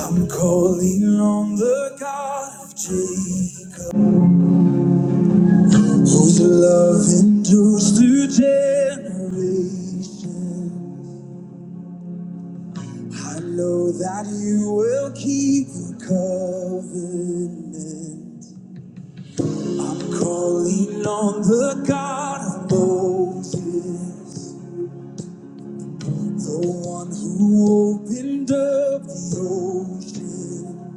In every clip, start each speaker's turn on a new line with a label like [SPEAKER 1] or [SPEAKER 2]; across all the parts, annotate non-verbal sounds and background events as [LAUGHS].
[SPEAKER 1] I'm calling on the God of change, whose love endures through generations. I know that you will keep your covenant. I'm calling on the God of Moses, the one who opened up the ocean.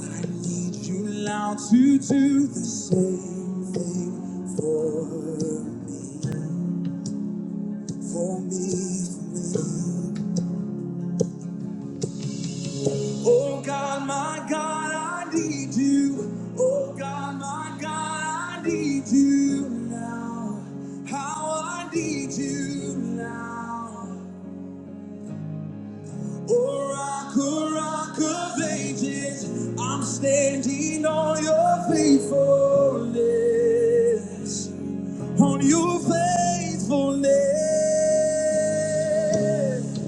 [SPEAKER 1] I need you now to do the same thing for me. for me. Oh God, my God, I need you. Oh God, my God, I need you now. How I need you now. Oh rock, oh rock of ages, I'm standing on your faithfulness. On your faithfulness.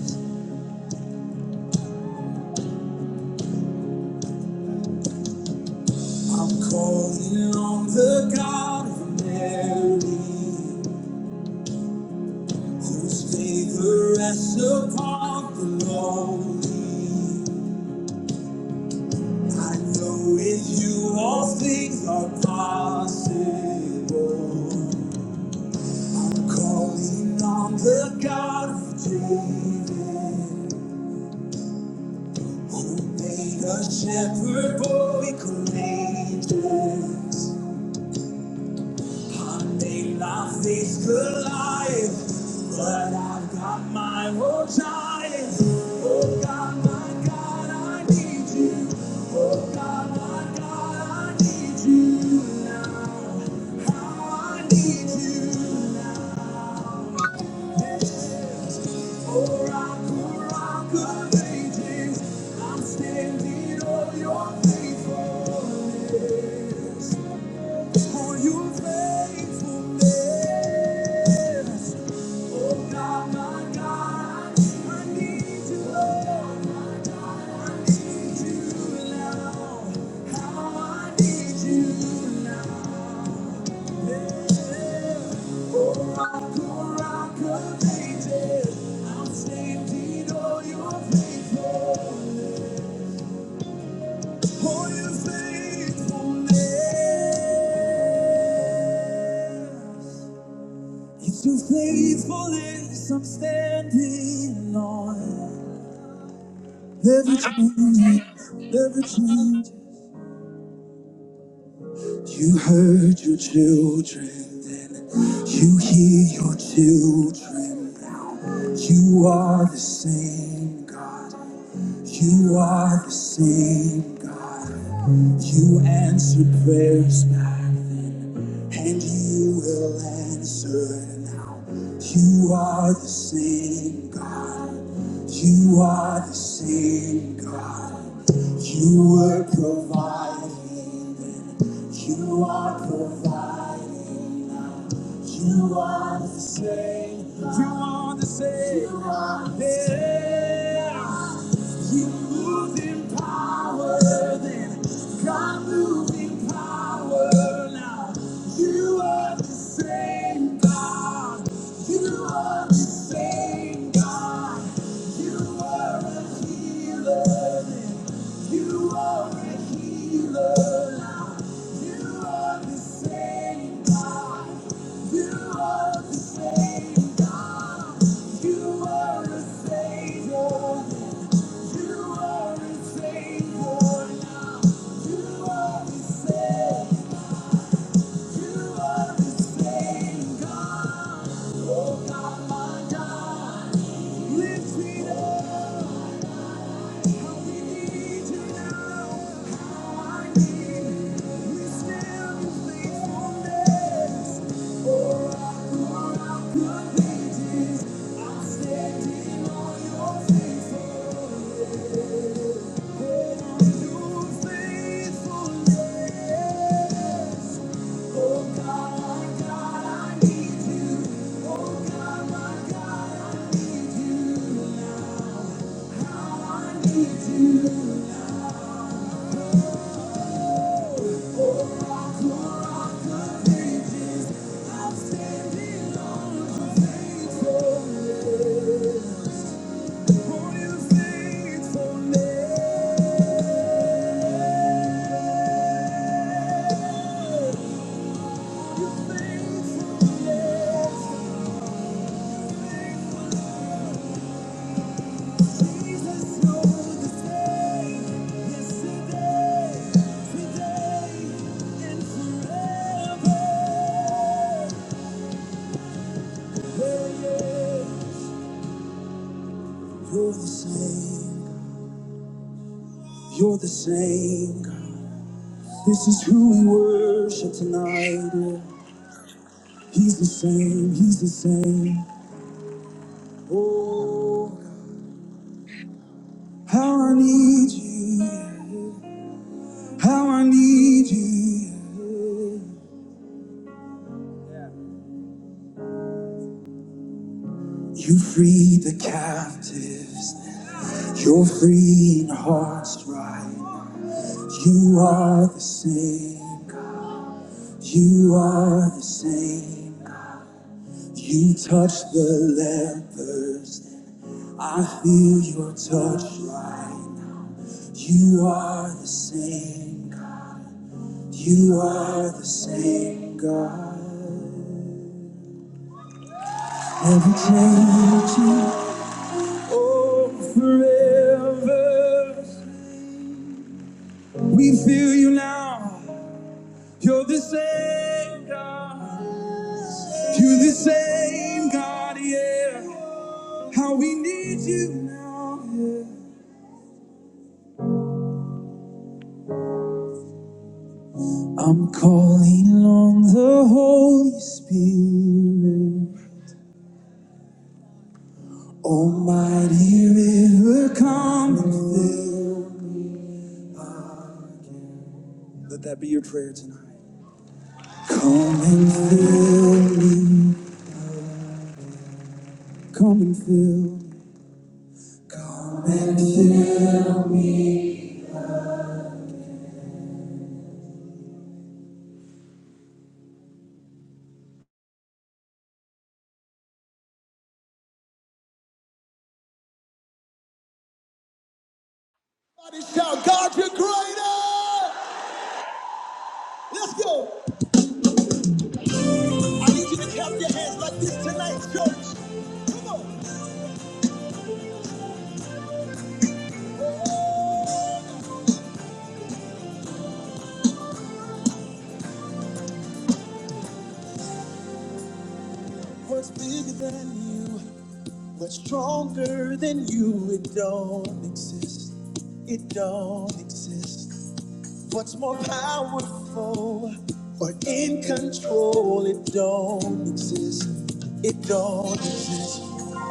[SPEAKER 1] I'm calling on the God of Mary, whose favor rests upon the lonely. I know with you all things are possible. I'm calling on the God of David, who made a shepherd boy courageous. Monday life good life, but I've got my own giants. Oh God, my God, I need you. Oh God, my God, I need you now. How I need you now. Yes. Oh rock, oh rock of ages, I'm standing on your faithfulness. For your faithfulness. Oh God, my God, I need you, Lord. I need you now. How I need you now. Yeah. Oh, rock, oh, rock of ages, I'm standing on your faithfulness. On your faithfulness. It's your faithfulness I'm standing on. Never change, never change. You heard your children, then you hear your children now. You are the same God. You are the same God. You answer prayers now. and you will answer now. You are the same God. You are the same God. You were providing then. You are providing. now. You are the same. You are the same. You are the same. You moved in power, then God moved in power. Now you are the same God. You are the same God. You are a healer. then. You are a healer. You are the same God. You are the same God. You are a savior. You are a savior now. You are the same. You are the same God. Oh God, my God, lift me up. Oh God, my God, I need you. Now I need you. Today and forever. Oh, yeah. You're the same. You're the same. This is who we worship tonight. He's the same. He's the same. Oh, how I need you. How I need you. You freed the captives. You're freeing hearts right. You are the same. You are the same. You touch the lepers. I feel your touch right. now. You are the same. God. You are the same God. Never changing. Oh, forever. We feel you now. You're the same God. You're the same God, yeah. How we need you now. yeah. I'm calling on the Holy Spirit. Oh, mighty river, come and fill. Let that be your prayer tonight. Come and fill, come and fill, come and fill. Everybody shout, God, you're greater! Let's go! I need you to clap your hands like this tonight, church. Come on! What's bigger than you? What's stronger than you? It don't exist. It don't exist. What's more powerful or in control? It don't exist. It don't exist.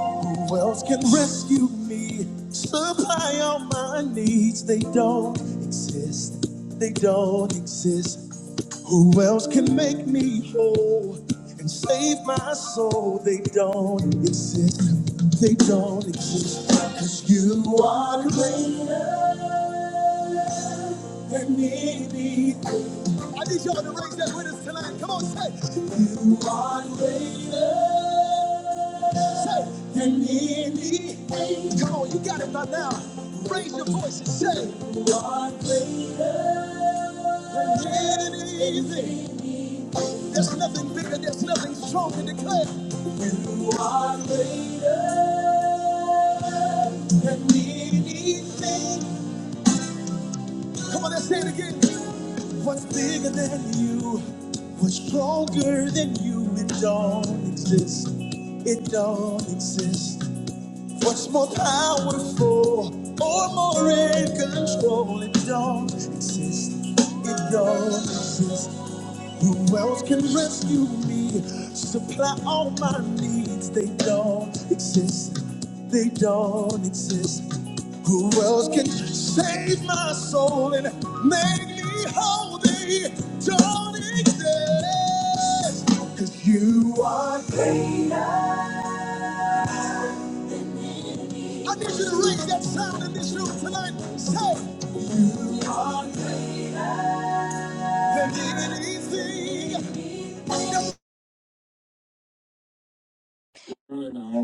[SPEAKER 1] Who else can rescue me? Supply all my needs. They don't exist. They don't exist. Who else can make me whole and save my soul? They don't exist. They don't exist. Cause you are greater than anything. I need y'all to raise that with us tonight. Come on, say. You are greater than any. pain. Come on, you got it by now. Raise your voice and say. You are greater than anything. There's nothing bigger, there's nothing stronger to declare. You are greater than anything. Come on, let's say it again. What's bigger than you? What's stronger than you? It don't exist. It don't exist. What's more powerful or more in control? It don't exist. It don't exist. Who else can rescue me? Supply all my needs. They don't exist. They don't exist. Who else can save my soul and make me whole? They don't exist. Cause you are greater. I need you to raise that sound in this room tonight. Say, than anything.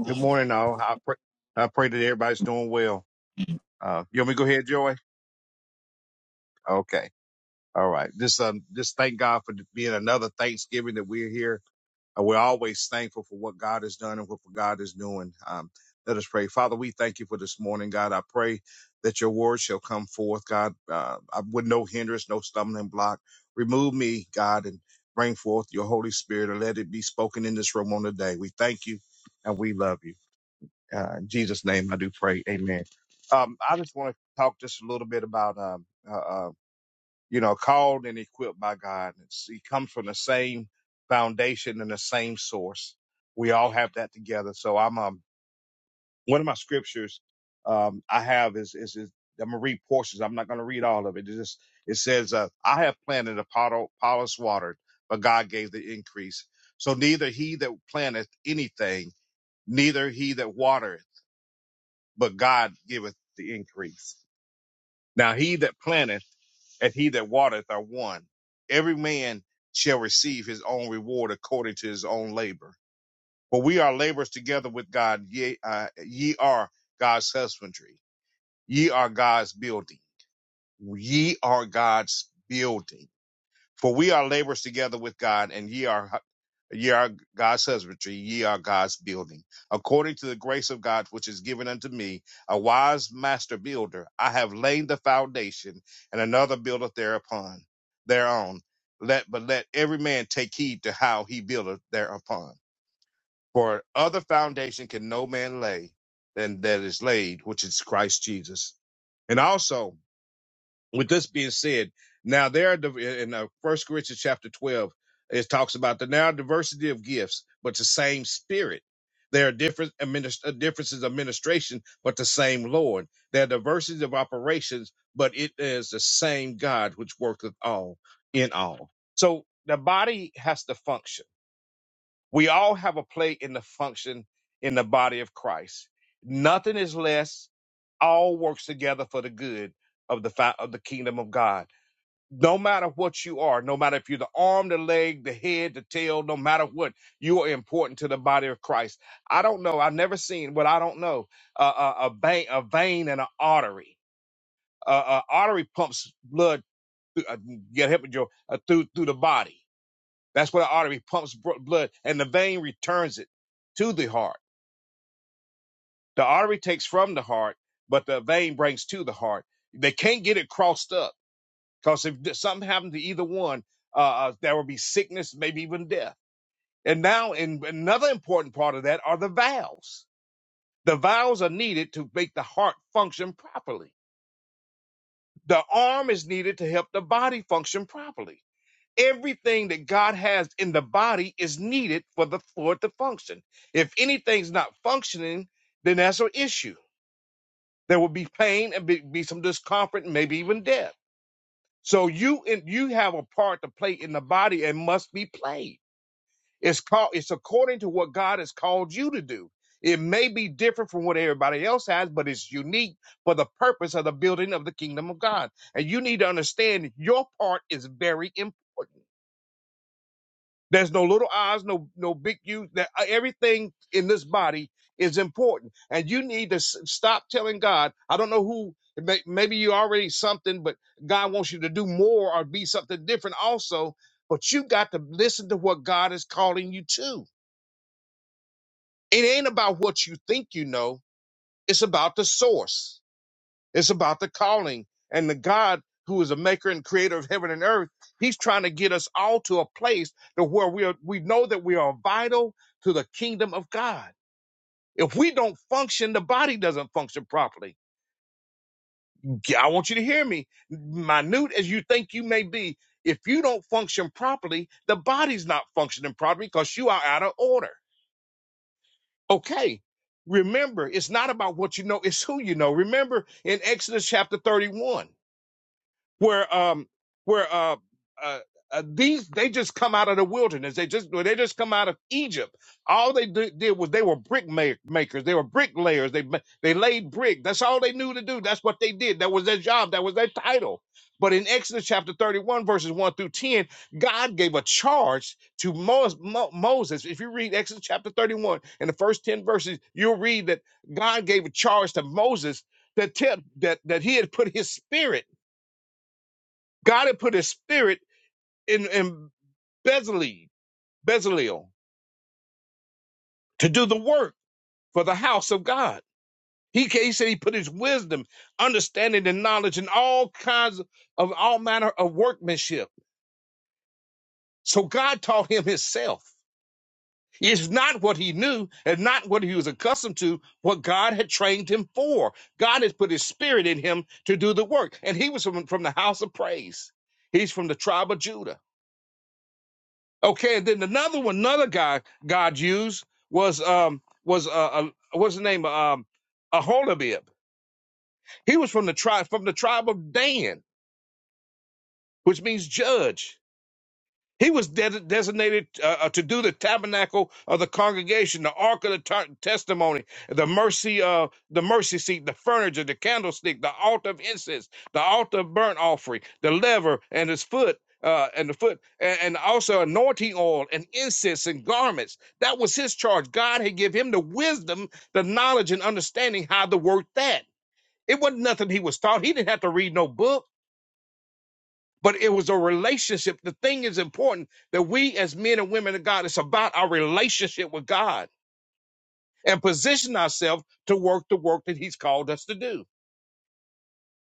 [SPEAKER 2] Good morning, all. I pray, I pray that everybody's doing well. Uh, you want me to go ahead, Joy? Okay. All right. Just, um, just thank God for being another Thanksgiving that we're here. Uh, we're always thankful for what God has done and what God is doing. Um, let us pray. Father, we thank you for this morning, God. I pray that your word shall come forth, God, uh, I- with no hindrance, no stumbling block. Remove me, God, and bring forth your Holy Spirit and let it be spoken in this room on the day. We thank you and we love you. Uh, in Jesus' name, I do pray. Amen. Um, I just want to talk just a little bit about, um, uh, uh, you know, called and equipped by God. It's, he comes from the same foundation and the same source. We all have that together. So I'm, um, one of my scriptures, um, I have is, is, is I'm gonna read portions. I'm not gonna read all of it. It just, it says, uh, I have planted Apollo, Apollos watered, but God gave the increase. So neither he that planteth anything, neither he that watereth but God giveth the increase. Now he that planteth and he that watereth are one. Every man shall receive his own reward according to his own labor. For we are laborers together with God. Ye, uh, ye are God's husbandry. Ye are God's building. Ye are God's building. For we are laborers together with God, and ye are Ye are God's husbandry, ye are God's building. According to the grace of God which is given unto me, a wise master builder, I have laid the foundation, and another buildeth thereupon, thereon. Let but let every man take heed to how he buildeth thereupon. For other foundation can no man lay than that is laid, which is Christ Jesus. And also with this being said, now there are in uh, First Corinthians chapter twelve, it talks about the now diversity of gifts, but the same Spirit. There are different administ- uh, differences of administration, but the same Lord. There are diversities of operations, but it is the same God which worketh all in all. So the body has to function we all have a play in the function in the body of Christ. Nothing is less. All works together for the good of the fi- of the kingdom of God. No matter what you are, no matter if you're the arm, the leg, the head, the tail, no matter what, you are important to the body of Christ. I don't know. I've never seen but I don't know. Uh, a, a, vein, a vein and an artery. Uh, uh, artery pumps blood. Through, uh, get help with your uh, through through the body that's where the artery pumps blood and the vein returns it to the heart. The artery takes from the heart, but the vein brings to the heart. They can't get it crossed up because if something happened to either one, uh, uh, there will be sickness, maybe even death. And now, in another important part of that are the valves. The valves are needed to make the heart function properly. The arm is needed to help the body function properly everything that God has in the body is needed for the for it to function. If anything's not functioning, then that's an issue. There will be pain and be, be some discomfort and maybe even death. So you and you have a part to play in the body and must be played. It's called it's according to what God has called you to do. It may be different from what everybody else has, but it's unique for the purpose of the building of the kingdom of God. And you need to understand your part is very important. There's no little I's, no no big U's. That uh, everything in this body is important, and you need to s- stop telling God. I don't know who. may- Maybe you're already something, but God wants you to do more or be something different also. But you got to listen to what God is calling you to. It ain't about what you think you know. It's about the source. It's about the calling and the God who is a maker and creator of heaven and earth. He's trying to get us all to a place to where we are, we know that we are vital to the kingdom of God. If we don't function, the body doesn't function properly. Yeah, I want you to hear me. Minute as you think you may be, if you don't function properly, the body's not functioning properly because you are out of order. Okay. Remember, it's not about what you know, it's who you know. Remember in Exodus chapter 31. where um where uh, uh, uh these they just come out of the wilderness they just they just come out of egypt all they did, did was they were brick ma- makers they were bricklayers they ma- they laid brick that's all they knew to do that's what they did that was their job that was their title but in exodus chapter 31 verses 1 through 10 god gave a charge to Mo- Mo- moses if you read exodus chapter 31 and the first 10 verses you'll read that god gave a charge to moses that tell that that he had put his spirit God had put his spirit in, in Bezalel, Bezalel to do the work for the house of God. He, he said he put his wisdom, understanding, and knowledge in all kinds of, of all manner of workmanship. So God taught him himself. It's not what he knew and not what he was accustomed to, what God had trained him for. God has put his spirit in him to do the work. And he was from, from the house of praise. He's from the tribe of Judah. Okay, and then another one, another guy God used was um was uh, uh what's the name um Aholabib. He was from the tribe from the tribe of Dan, which means judge. He was de- designated uh, uh, to do the tabernacle of the congregation, the ark of the t- testimony, the mercy uh, the mercy seat, the furniture, the candlestick, the altar of incense, the altar of burnt offering, the lever and his foot. Uh, and the foot, and, and also anointing oil and incense and garments. That was his charge. God had give him the wisdom, the knowledge, and understanding how to work that. It wasn't nothing he was taught. He didn't have to read no book but it was a relationship. The thing is important that we as men and women of God, it's about our relationship with God and position ourselves to work the work that He's called us to do.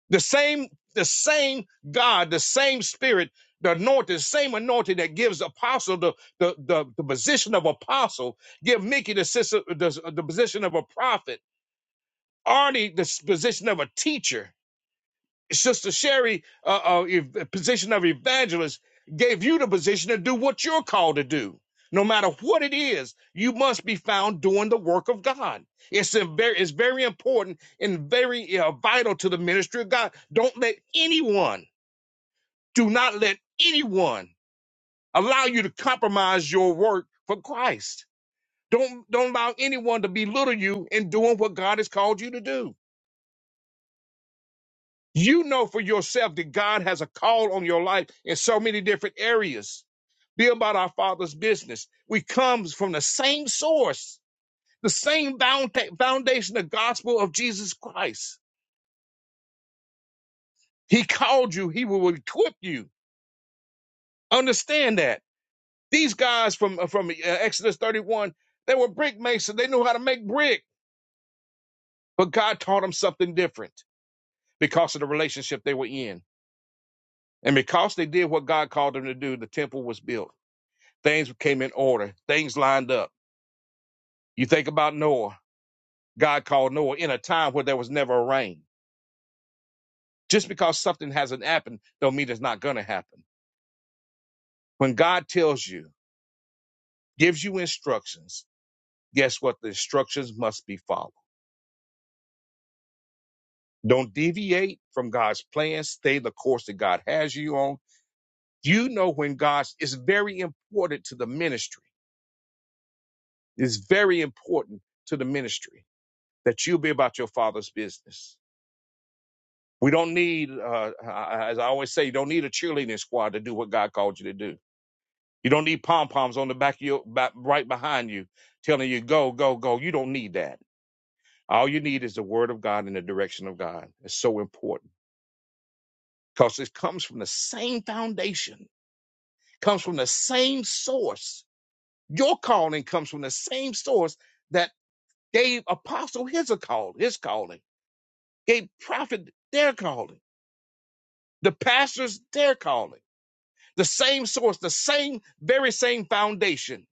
[SPEAKER 2] The same, the same God, the same Spirit, the anointing, the same anointing that gives apostle the the the, the position of apostle, give Mickey the, sister, the the position of a prophet, Arnie the s- position of a teacher Sister Sherry, uh, uh, position of evangelist, gave you the position to do what you're called to do. No matter what it is, you must be found doing the work of God. It's a very, it's very important and very uh, vital to the ministry of God. Don't let anyone, do not let anyone allow you to compromise your work for Christ. Don't don't allow anyone to belittle you in doing what God has called you to do. You know for yourself that God has a call on your life in so many different areas. Be about our Father's business. We comes from the same source, the same founda- foundation, the gospel of Jesus Christ. He called you. He will equip you. Understand that. These guys from uh, from uh, Exodus 31, they were brick masons. They knew how to make brick, but God taught them something different because of the relationship they were in, and because they did what God called them to do. The temple was built. Things came in order. Things lined up. You think about Noah. God called Noah in a time where there was never a rain. Just because something hasn't happened don't mean it's not going to happen. When God tells you, gives you instructions, guess what? The instructions must be followed. Don't deviate from God's plan. Stay the course that God has you on. You know when God is very important to the ministry. It's very important to the ministry that you be about your father's business We don't need, uh, as I always say, you don't need a cheerleading squad to do what God called you to do. You don't need pom poms on the back of your back, right behind you, telling you go, go, go. You don't need that. All you need is the word of God and the direction of God. It's so important because it comes from the same foundation, comes from the same source. Your calling comes from the same source that gave apostle his a call, his calling, gave prophet their calling, the pastors their calling. The same source, the same, very same foundation.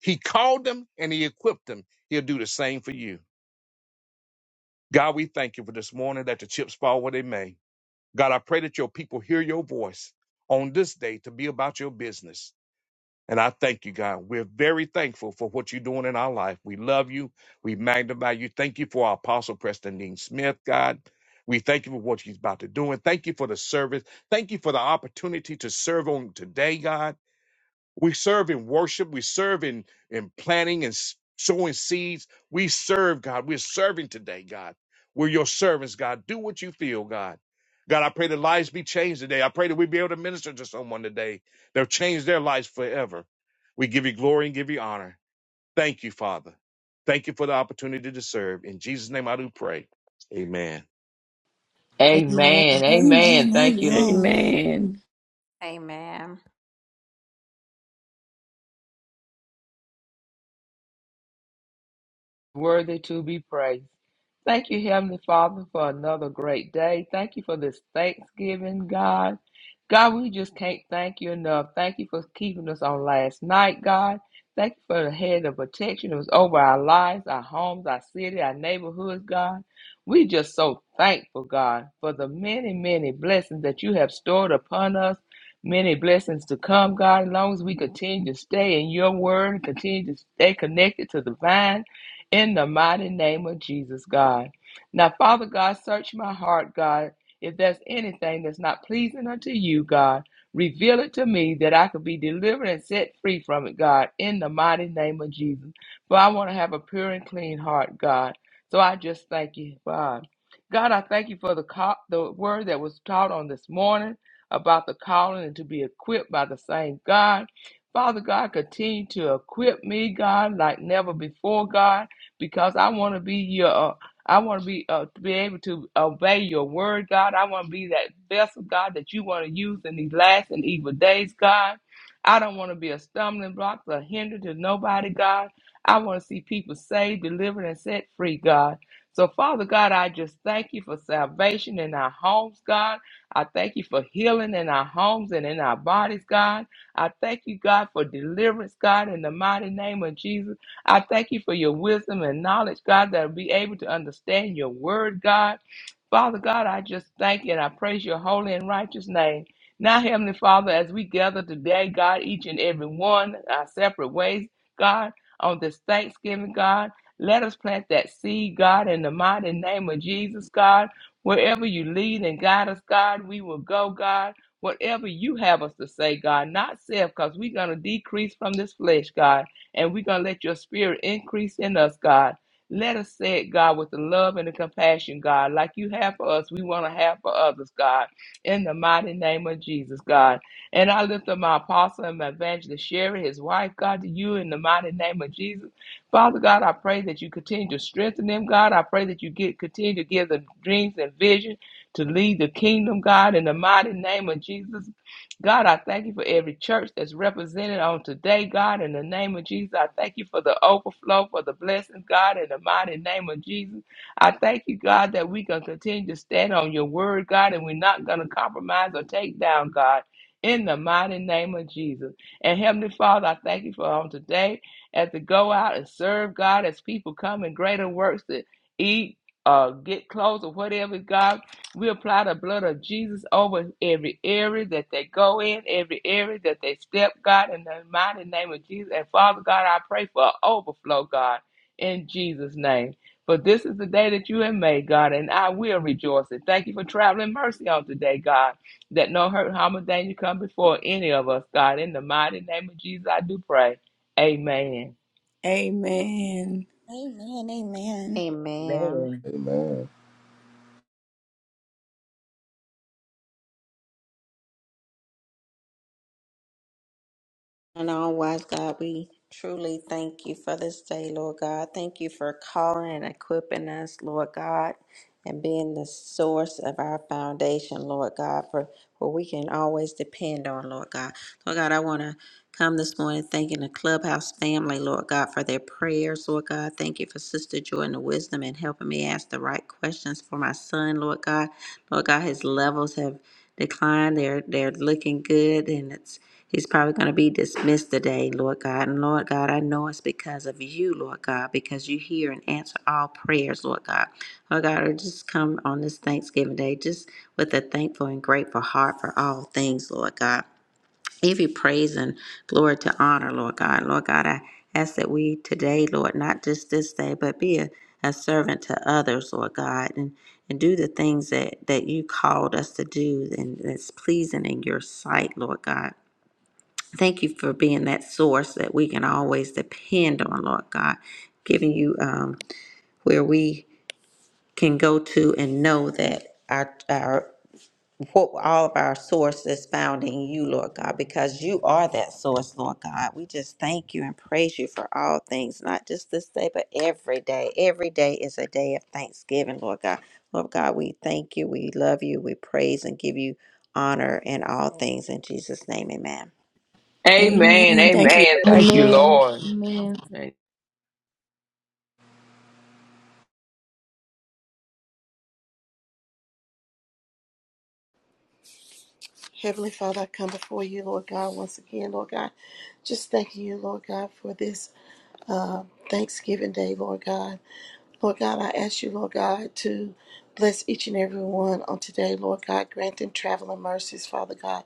[SPEAKER 2] He called them and he equipped them. He'll do the same for you. God, we thank you for this morning that the chips fall where they may. God, I pray that your people hear your voice on this day to be about your business. And I thank you, God. We're very thankful for what you're doing in our life. We love you. We magnify you. Thank you for our apostle, Preston Dean Smith, God. We thank you for what he's about to do. And thank you for the service. Thank you for the opportunity to serve on today, God. We serve in worship. We serve in, in planting and s- sowing seeds. We serve, God. We're serving today, God. We're your servants, God. Do what you feel, God. God, I pray that lives be changed today. I pray that we be able to minister to someone today. They'll change their lives forever. We give you glory and give you honor. Thank you, Father. Thank you for the opportunity to serve. In Jesus' name I do pray. Amen.
[SPEAKER 1] Amen.
[SPEAKER 3] Amen.
[SPEAKER 4] Amen.
[SPEAKER 3] Amen. Thank you,
[SPEAKER 4] Amen.
[SPEAKER 5] Amen.
[SPEAKER 6] Amen.
[SPEAKER 3] worthy to be praised. Thank you, Heavenly Father, for another great day. Thank you for this Thanksgiving, God. God, we just can't thank you enough. Thank you for keeping us on last night, God. Thank you for the head of protection that was over our lives, our homes, our city, our neighborhoods, God. We just so thankful, God, for the many, many blessings that you have stored upon us. Many blessings to come, God, as long as we continue to stay in your word, continue to stay connected to the vine in the mighty name of Jesus, God. Now, Father God, search my heart, God. If there's anything that's not pleasing unto you, God, reveal it to me that I could be delivered and set free from it, God, in the mighty name of Jesus. For I want to have a pure and clean heart, God. So I just thank you, God. God, I thank you for the co- the word that was taught on this morning about the calling and to be equipped by the same God. Father God, continue to equip me, God, like never before, God because I want to be your. Uh, I want to be uh, to be able to obey your word, God. I want to be that vessel, God, that you want to use in these last and evil days, God. I don't want to be a stumbling block or hinder to nobody, God. I want to see people saved, delivered, and set free, God. So, Father God, I just thank you for salvation in our homes, God. I thank you for healing in our homes and in our bodies, God. I thank you, God, for deliverance, God, in the mighty name of Jesus. I thank you for your wisdom and knowledge, God, that will be able to understand your word, God. Father God, I just thank you and I praise your holy and righteous name. Now, Heavenly Father, as we gather today, God, each and every one, our separate ways, God, on this Thanksgiving, God, let us plant that seed, God, in the mighty name of Jesus, God. Wherever you lead and guide us, God, we will go, God. Whatever you have us to say, God, not self, because we're going to decrease from this flesh, God. And we're going to let your spirit increase in us, God. Let us say it, God, with the love and the compassion, God, like you have for us, we want to have for others, God, in the mighty name of Jesus, God. And I lift up my apostle and my evangelist, Sherry, his wife, God, to you in the mighty name of Jesus. Father God, I pray that you continue to strengthen them, God. I pray that you get continue to give them dreams and vision to lead the kingdom, God, in the mighty name of Jesus. God, I thank you for every church that's represented on today, God. In the name of Jesus, I thank you for the overflow, for the blessings, God, in the mighty name of Jesus. I thank you, God, that we can continue to stand on your word, God, and we're not going to compromise or take down, God. In the mighty name of Jesus. And Heavenly Father, I thank you for on today as to go out and serve God as people come in greater works to eat, uh, get clothes or whatever, God. We apply the blood of Jesus over every area that they go in, every area that they step, God, in the mighty name of Jesus. And Father God, I pray for an overflow, God, in Jesus' name. For this is the day that you have made, God, and I will rejoice. And thank you for traveling mercy on today, God, that no hurt, harm, or danger come before any of us, God. In the mighty name of Jesus, I do pray. Amen.
[SPEAKER 5] Amen.
[SPEAKER 4] Amen.
[SPEAKER 7] Man,
[SPEAKER 6] Amen.
[SPEAKER 7] man,
[SPEAKER 8] Amen.
[SPEAKER 6] And all wise God, we truly thank you for this day, Lord God. Thank you for calling and equipping us, Lord God, and being the source of our foundation, Lord God, for where we can always depend on, Lord God. Lord God, I want to come this morning thanking the clubhouse family, Lord God, for their prayers, Lord God. Thank you for Sister Joy and the wisdom and helping me ask the right questions for my son, Lord God. Lord God, his levels have declined. They're they're looking good and it's He's probably going to be dismissed today, Lord God. And Lord God, I know it's because of you, Lord God, because you hear and answer all prayers, Lord God. Lord God, I just come on this Thanksgiving Day just with a thankful and grateful heart for all things, Lord God. Give you praise and glory to honor, Lord God. Lord God, I ask that we today, Lord, not just this day, but be a, a servant to others, Lord God, and, and do the things that, that you called us to do and that's pleasing in your sight, Lord God. Thank you for being that source that we can always depend on, Lord God, giving you um, where we can go to and know that our our what all of our source is found in you, Lord God, because you are that source, Lord God. We just thank you and praise you for all things, not just this day, but every day. Every day is a day of thanksgiving, Lord God. Lord God, we thank you, we love you, we praise and give you honor in all things. In Jesus' name, amen.
[SPEAKER 3] Amen.
[SPEAKER 5] Amen. Thank you.
[SPEAKER 3] Amen. Thank you,
[SPEAKER 1] Amen.
[SPEAKER 3] Lord.
[SPEAKER 1] Amen.
[SPEAKER 3] Amen.
[SPEAKER 9] Heavenly Father, I come before you, Lord God, once again, Lord God. Just thanking you, Lord God, for this uh, Thanksgiving Day, Lord God. Lord God, I ask you, Lord God, to bless each and every one on today, Lord God. Grant them traveling mercies, Father God,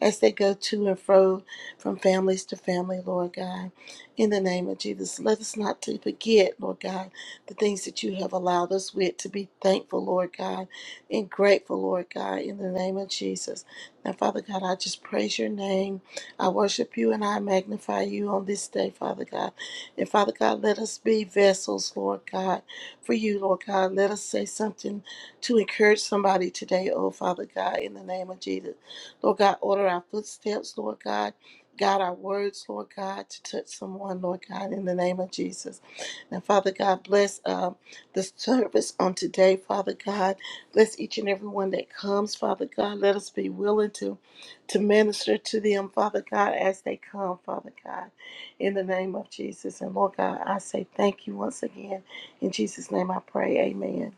[SPEAKER 9] as they go to and fro from families to family, Lord God. In the name of Jesus, let us not to forget, Lord God, the things that you have allowed us with to be thankful, Lord God, and grateful, Lord God, in the name of Jesus. Now, Father God, I just praise your name. I worship you and I magnify you on this day, Father God. And Father God, let us be vessels, Lord God for you, Lord God. Let us say something to encourage somebody today, oh Father God, in the name of Jesus. Lord God, order our footsteps, Lord God. God, our words, Lord God, to touch someone, Lord God, in the name of Jesus. And Father God, bless uh, the service on today, Father God. Bless each and every one that comes, Father God. Let us be willing to, to minister to them, Father God, as they come, Father God, in the name of Jesus. And Lord God, I say thank you once again in Jesus' name I pray. Amen.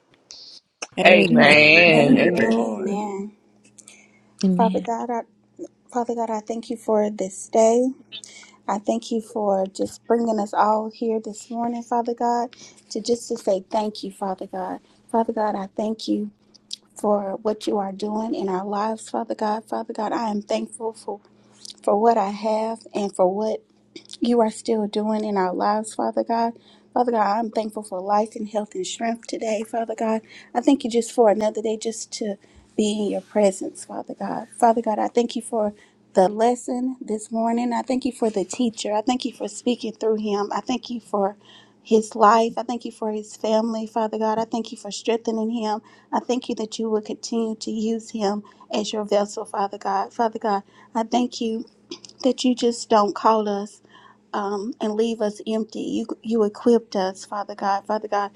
[SPEAKER 5] Amen.
[SPEAKER 2] Amen.
[SPEAKER 5] Thank
[SPEAKER 4] Amen. Amen.
[SPEAKER 5] you,
[SPEAKER 3] Amen.
[SPEAKER 2] Amen.
[SPEAKER 5] Lord.
[SPEAKER 4] Amen. Father
[SPEAKER 1] Amen.
[SPEAKER 4] God, I, Father God, I thank you for this day. I thank you for just bringing us all here this morning, Father God, to just to say thank you, Father God. Father God, I thank you for what you are doing in our lives, Father God. Father God, I am thankful for for what I have and for what you are still doing in our lives, Father God. Father God, I'm thankful for life and health and strength today, Father God. I thank you just for another day just to be in your presence, Father God. Father God, I thank you for the lesson this morning. I thank you for the teacher. I thank you for speaking through him. I thank you for his life. I thank you for his family, Father God. I thank you for strengthening him. I thank you that you will continue to use him as your vessel, Father God. Father God, I thank you that you just don't call us um, and leave us empty. You, you equipped us, Father God. Father God,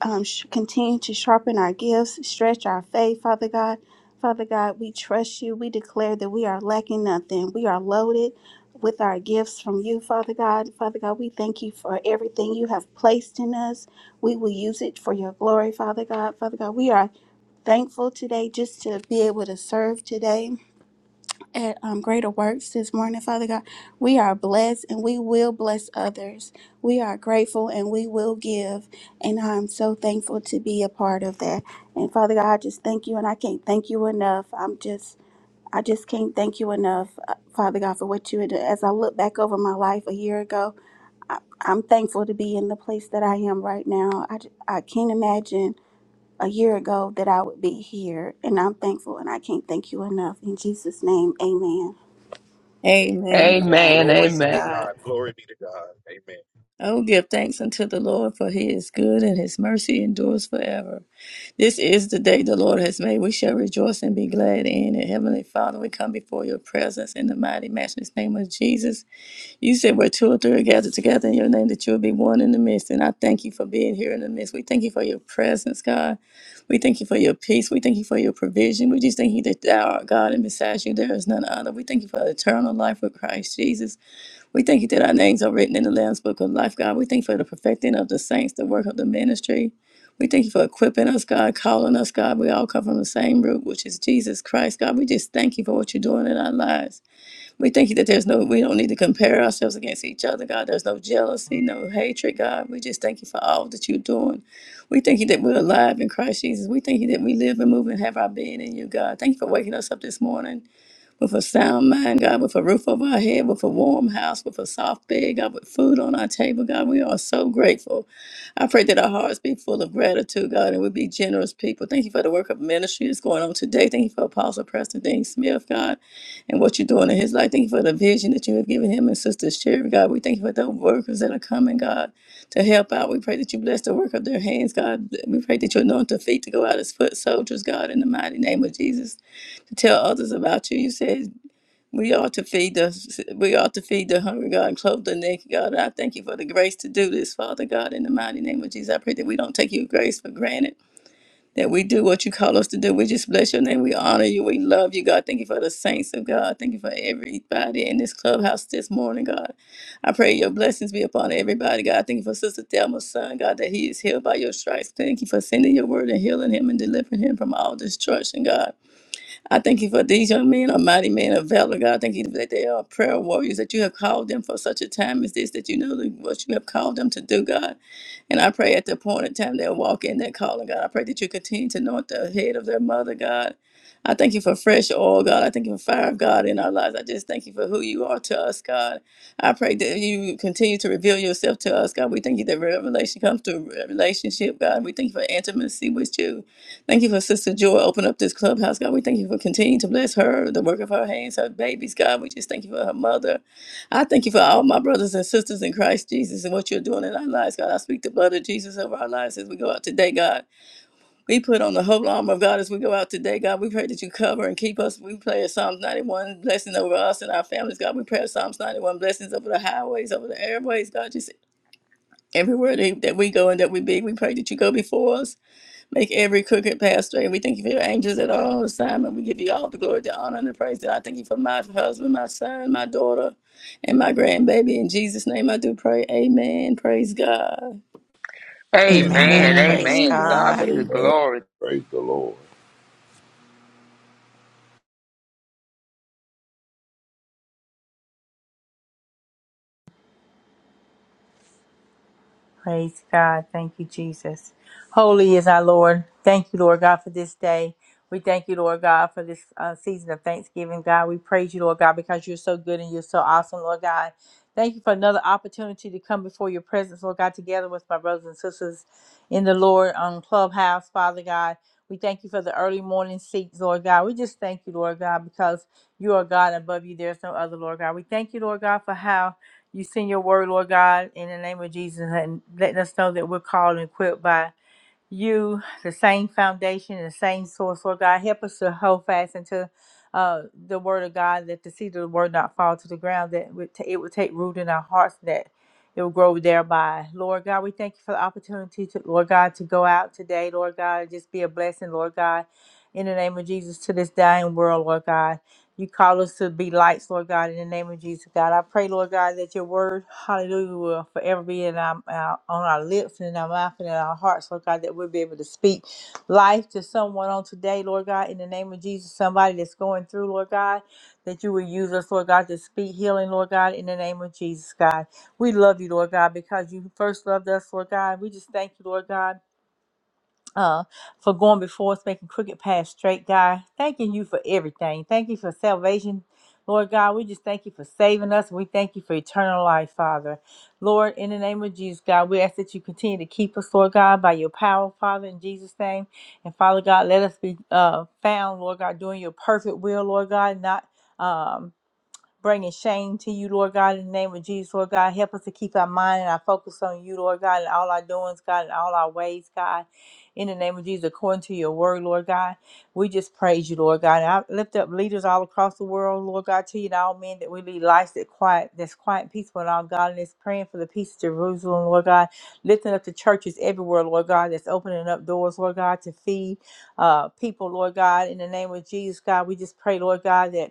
[SPEAKER 4] um, sh- continue to sharpen our gifts, stretch our faith, Father God. Father God, we trust you. We declare that we are lacking nothing. We are loaded with our gifts from you, Father God. Father God, we thank you for everything you have placed in us. We will use it for your glory, Father God. Father God, we are thankful today just to be able to serve today at um, Greater Works this morning, Father God. We are blessed and we will bless others. We are grateful and we will give. And I'm so thankful to be a part of that. And Father God, I just thank you and I can't thank you enough. I'm just. I just can't thank you enough, uh, Father God, for what you did. As I look back over my life a year ago, I, I'm thankful to be in the place that I am right now. I, j- I can't imagine a year ago that I would be here, and I'm thankful and I can't thank you enough. In Jesus' name, amen.
[SPEAKER 5] Amen.
[SPEAKER 6] Amen.
[SPEAKER 3] Amen.
[SPEAKER 6] Praise
[SPEAKER 3] Amen.
[SPEAKER 6] God.
[SPEAKER 5] Oh, give thanks unto the Lord for he is good and his mercy endures forever. This is the day the Lord has made. We shall rejoice and be glad in it. Heavenly Father, we come before your presence in the mighty matchless name of Jesus. You said where two or three are gathered together in your name, that you'll be one in the midst. And I thank you for being here in the midst. We thank you for your presence, God. We thank you for your peace. We thank you for your provision. We just thank you that thou art God, and besides you, there is none other. We thank you for eternal life with Christ Jesus. We thank you that our names are written in the Lamb's Book of Life, God. We thank you for the perfecting of the saints, the work of the ministry. We thank you for equipping us, God, calling us, God. We all come from the same root, which is Jesus Christ, God. We just thank you for what you're doing in our lives. We thank you that there's no, we don't need to compare ourselves against each other, God. There's no jealousy, no hatred, God. We just thank you for all that you're doing. We thank you that we're alive in Christ Jesus. We thank you that we live and move and have our being in you, God. Thank you for waking us up this morning with a sound mind, God, with a roof over our head, with a warm house, with a soft bed, God, with food on our table, God. We are so grateful. I pray that our hearts be full of gratitude, God, and we be generous people. Thank you for the work of ministry that's going on today. Thank you for Apostle Preston Dean Smith, God, and what you're doing in his life. Thank you for the vision that you have given him and Sister Sherry, God. We thank you for the workers that are coming, God, to help out. We pray that you bless the work of their hands, God. We pray that you anoint their feet to go out as foot soldiers, God, in the mighty name of Jesus, to tell others about you. You said we ought to feed the we ought to feed the hungry God and clothe the naked God. I thank you for the grace to do this, Father God, in the mighty name of Jesus. I pray that we don't take your grace for granted. That we do what you call us to do. We just bless your name. We honor you. We love you, God. Thank you for the saints of God. Thank you for everybody in this clubhouse this morning, God. I pray your blessings be upon everybody, God. Thank you for Sister Thelma's son, God, that he is healed by your stripes. Thank you for sending your word and healing him and delivering him from all destruction, God. I thank you for these young men, a mighty man of valor, God. I Thank you that they are prayer warriors, that you have called them for such a time as this, that you know that what you have called them to do, God. And I pray at the appointed time they'll walk in their calling, God. I pray that you continue to anoint the head of their mother, God. I thank you for fresh oil, God. I thank you for fire of God in our lives. I just thank you for who you are to us, God. I pray that you continue to reveal yourself to us, God. We thank you that revelation comes through a relationship, God. We thank you for intimacy with you. Thank you for Sister Joy. Open up this clubhouse, God. We thank you for continuing to bless her, the work of her hands, her babies, God. We just thank you for her mother. I thank you for all my brothers and sisters in Christ Jesus and what you're doing in our lives, God. I speak the blood of Jesus over our lives as we go out today, God. We put on the whole armor of God as we go out today, God. We pray that you cover and keep us. We pray Psalms 91 blessing over us and our families, God. We pray Psalms 91 blessings over the highways, over the airways, God. Just everywhere that that we go and that we be, we pray that you go before us. Make every crooked path straight. We thank you for your angels at all time, and We give you all the glory, the honor, and the praise. And I thank you for my husband, my son, my daughter, and my grandbaby. In Jesus' name I do pray. Amen. Praise God.
[SPEAKER 2] Amen.
[SPEAKER 6] Amen.
[SPEAKER 3] Amen.
[SPEAKER 1] Amen.
[SPEAKER 6] Praise
[SPEAKER 3] Amen. To God
[SPEAKER 6] God.
[SPEAKER 3] be the
[SPEAKER 4] Amen.
[SPEAKER 8] Amen.
[SPEAKER 3] glory.
[SPEAKER 8] Praise the Lord.
[SPEAKER 10] Praise God. Thank you, Jesus. Holy is our Lord. Thank you, Lord God, for this day. We thank you, Lord God, for this uh, season of Thanksgiving, God. We praise you, Lord God, because you're so good and you're so awesome, Lord God. Thank you for another opportunity to come before your presence, Lord God, together with my brothers and sisters in the Lord on Clubhouse, Father God. We thank you for the early morning seats, Lord God. We just thank you, Lord God, because you are God above you. There's no other, Lord God. We thank you, Lord God, for how you send your word, Lord God, in the name of Jesus, and letting us know that we're called and equipped by you, the same foundation, the same source, Lord God. Help us to hold fast into uh, the word of God, that the seed of the word not fall to the ground, that would ta- it will take root in our hearts, that it will grow thereby. Lord God, we thank you for the opportunity to, Lord God, to go out today, Lord God, and just be a blessing, Lord God, in the name of Jesus to this dying world, Lord God. You call us to be lights, Lord God, in the name of Jesus, God. I pray, Lord God, that your word, hallelujah, will forever be in our, our- on our lips and in our mouth and in our hearts, Lord God, that we'll be able to speak life to someone on today, Lord God, in the name of Jesus, somebody that's going through, Lord God, that you will use us, Lord God, to speak healing, Lord God, in the name of Jesus, God. We love you, Lord God, because you first loved us, Lord God. We just thank you, Lord God uh, for going before us, making crooked paths straight, God. Thanking you for everything. Thank you for salvation, Lord God. We just thank you for saving us. We thank you for eternal life, Father. Lord, in the name of Jesus, God, we ask that you continue to keep us, Lord God, by your power, Father, in Jesus' name. And Father God, let us be uh, found, Lord God, doing your perfect will, Lord God, not. Um, bringing shame to you, Lord God, in the name of Jesus, Lord God. Help us to keep our mind and our focus on you, Lord God, in all our doings, God, in all our ways, God. In the name of Jesus, according to your word, Lord God, we just praise you, Lord God. And I lift up leaders all across the world, Lord God, to you and all men that we lead lives that quiet, that's quiet and peaceful in all godliness, praying for the peace of Jerusalem, Lord God, lifting up the churches everywhere, Lord God, that's opening up doors, Lord God, to feed uh, people, Lord God, in the name of Jesus, God. We just pray, Lord God, that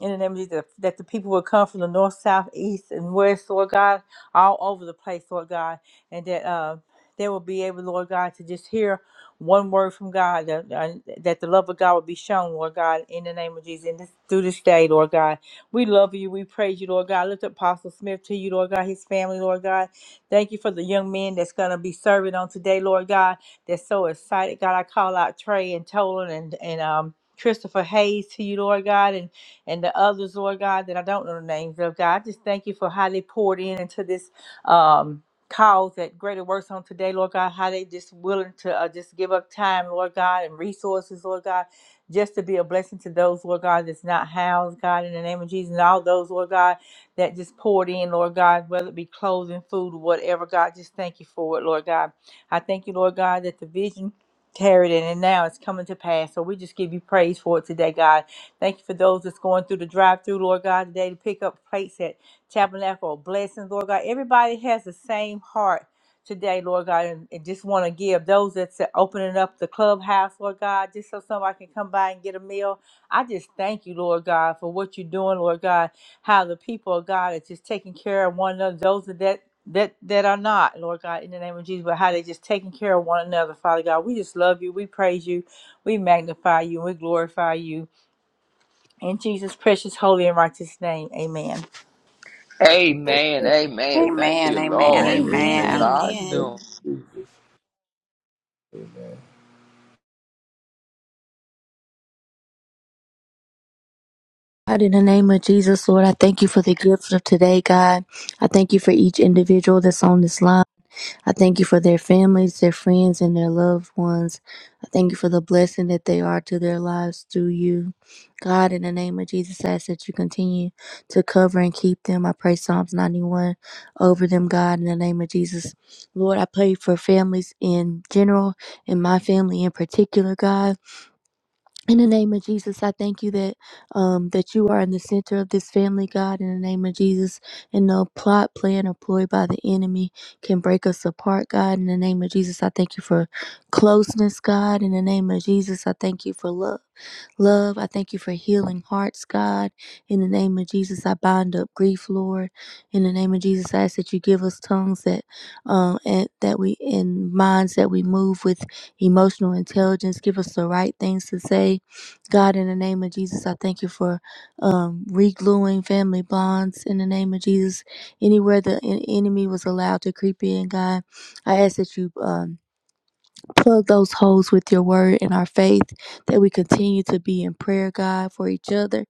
[SPEAKER 10] in the name of Jesus, that that the people will come from the north, south, east, and west, Lord God, all over the place, Lord God, and that uh, they will be able, Lord God, to just hear one word from God, that, uh, that the love of God will be shown, Lord God, in the name of Jesus, and this, through this day, Lord God. We love you. We praise you, Lord God. Lift up Apostle Smith to you, Lord God, his family, Lord God. Thank you for the young men that's going to be serving on today, Lord God. They're so excited. God, I call out Trey and Tolan and, and um, Christopher Hayes to you, Lord God, and and the others, Lord God, that I don't know the names of, God. I just thank you for how they poured in into this um, cause that Greater Works on today, Lord God, how they just willing to uh, just give up time, Lord God, and resources, Lord God, just to be a blessing to those, Lord God, that's not housed, God, in the name of Jesus, and all those, Lord God, that just poured in, Lord God, whether it be clothing, food, or whatever, God, just thank you for it, Lord God. I thank you, Lord God, that the vision carried in, and now it's coming to pass. So we just give you praise for it today, God. Thank you for those that's going through the drive through, Lord God, today to pick up plates at Tabernacle Blessings, Lord God. Everybody has the same heart today, Lord God, and, and just want to give those that's opening up the clubhouse, Lord God, just so somebody can come by and get a meal. I just thank you, Lord God, for what you're doing, Lord God, how the people of God are just taking care of one another, those that that that are not, Lord God, in the name of Jesus, but how they just taking care of one another, Father God. We just love you. We praise you. We magnify you. And we glorify you. In Jesus' precious, holy, and righteous name, amen.
[SPEAKER 3] Amen.
[SPEAKER 8] Amen.
[SPEAKER 3] Amen.
[SPEAKER 8] Praise
[SPEAKER 3] Thank
[SPEAKER 6] Amen.
[SPEAKER 3] you,
[SPEAKER 6] Amen.
[SPEAKER 3] Lord,
[SPEAKER 2] Amen.
[SPEAKER 4] Amen.
[SPEAKER 3] for
[SPEAKER 6] Amen.
[SPEAKER 2] Amen.
[SPEAKER 3] God's
[SPEAKER 8] thank
[SPEAKER 4] Amen.
[SPEAKER 3] doing.
[SPEAKER 8] you, Amen.
[SPEAKER 1] God, in the name of Jesus, Lord, I thank you for the gift of today, God. I thank you for each individual that's on this line. I thank you for their families, their friends, and their loved ones. I thank you for the blessing that they are to their lives through you. God, in the name of Jesus, I ask that you continue to cover and keep them. I pray Psalms 91 over them, God, in the name of Jesus. Lord, I pray for families in general and my family in particular, God. In the name of Jesus, I thank you that um, that you are in the center of this family, God. In the name of Jesus, and no plot, plan, or ploy by the enemy can break us apart, God. In the name of Jesus, I thank you for closeness, God. In the name of Jesus, I thank you for love. Love, I thank you for healing hearts, God. In the name of Jesus, I bind up grief, Lord. In the name of Jesus, I ask that you give us tongues that, um, and that we and minds that we move with emotional intelligence. Give us the right things to say God, in the name of Jesus, I thank you for um, re-gluing family bonds. In the name of Jesus, anywhere the en- enemy was allowed to creep in, God, I ask that you. Um, plug those holes with your word and our faith that we continue to be in prayer, God, for each other.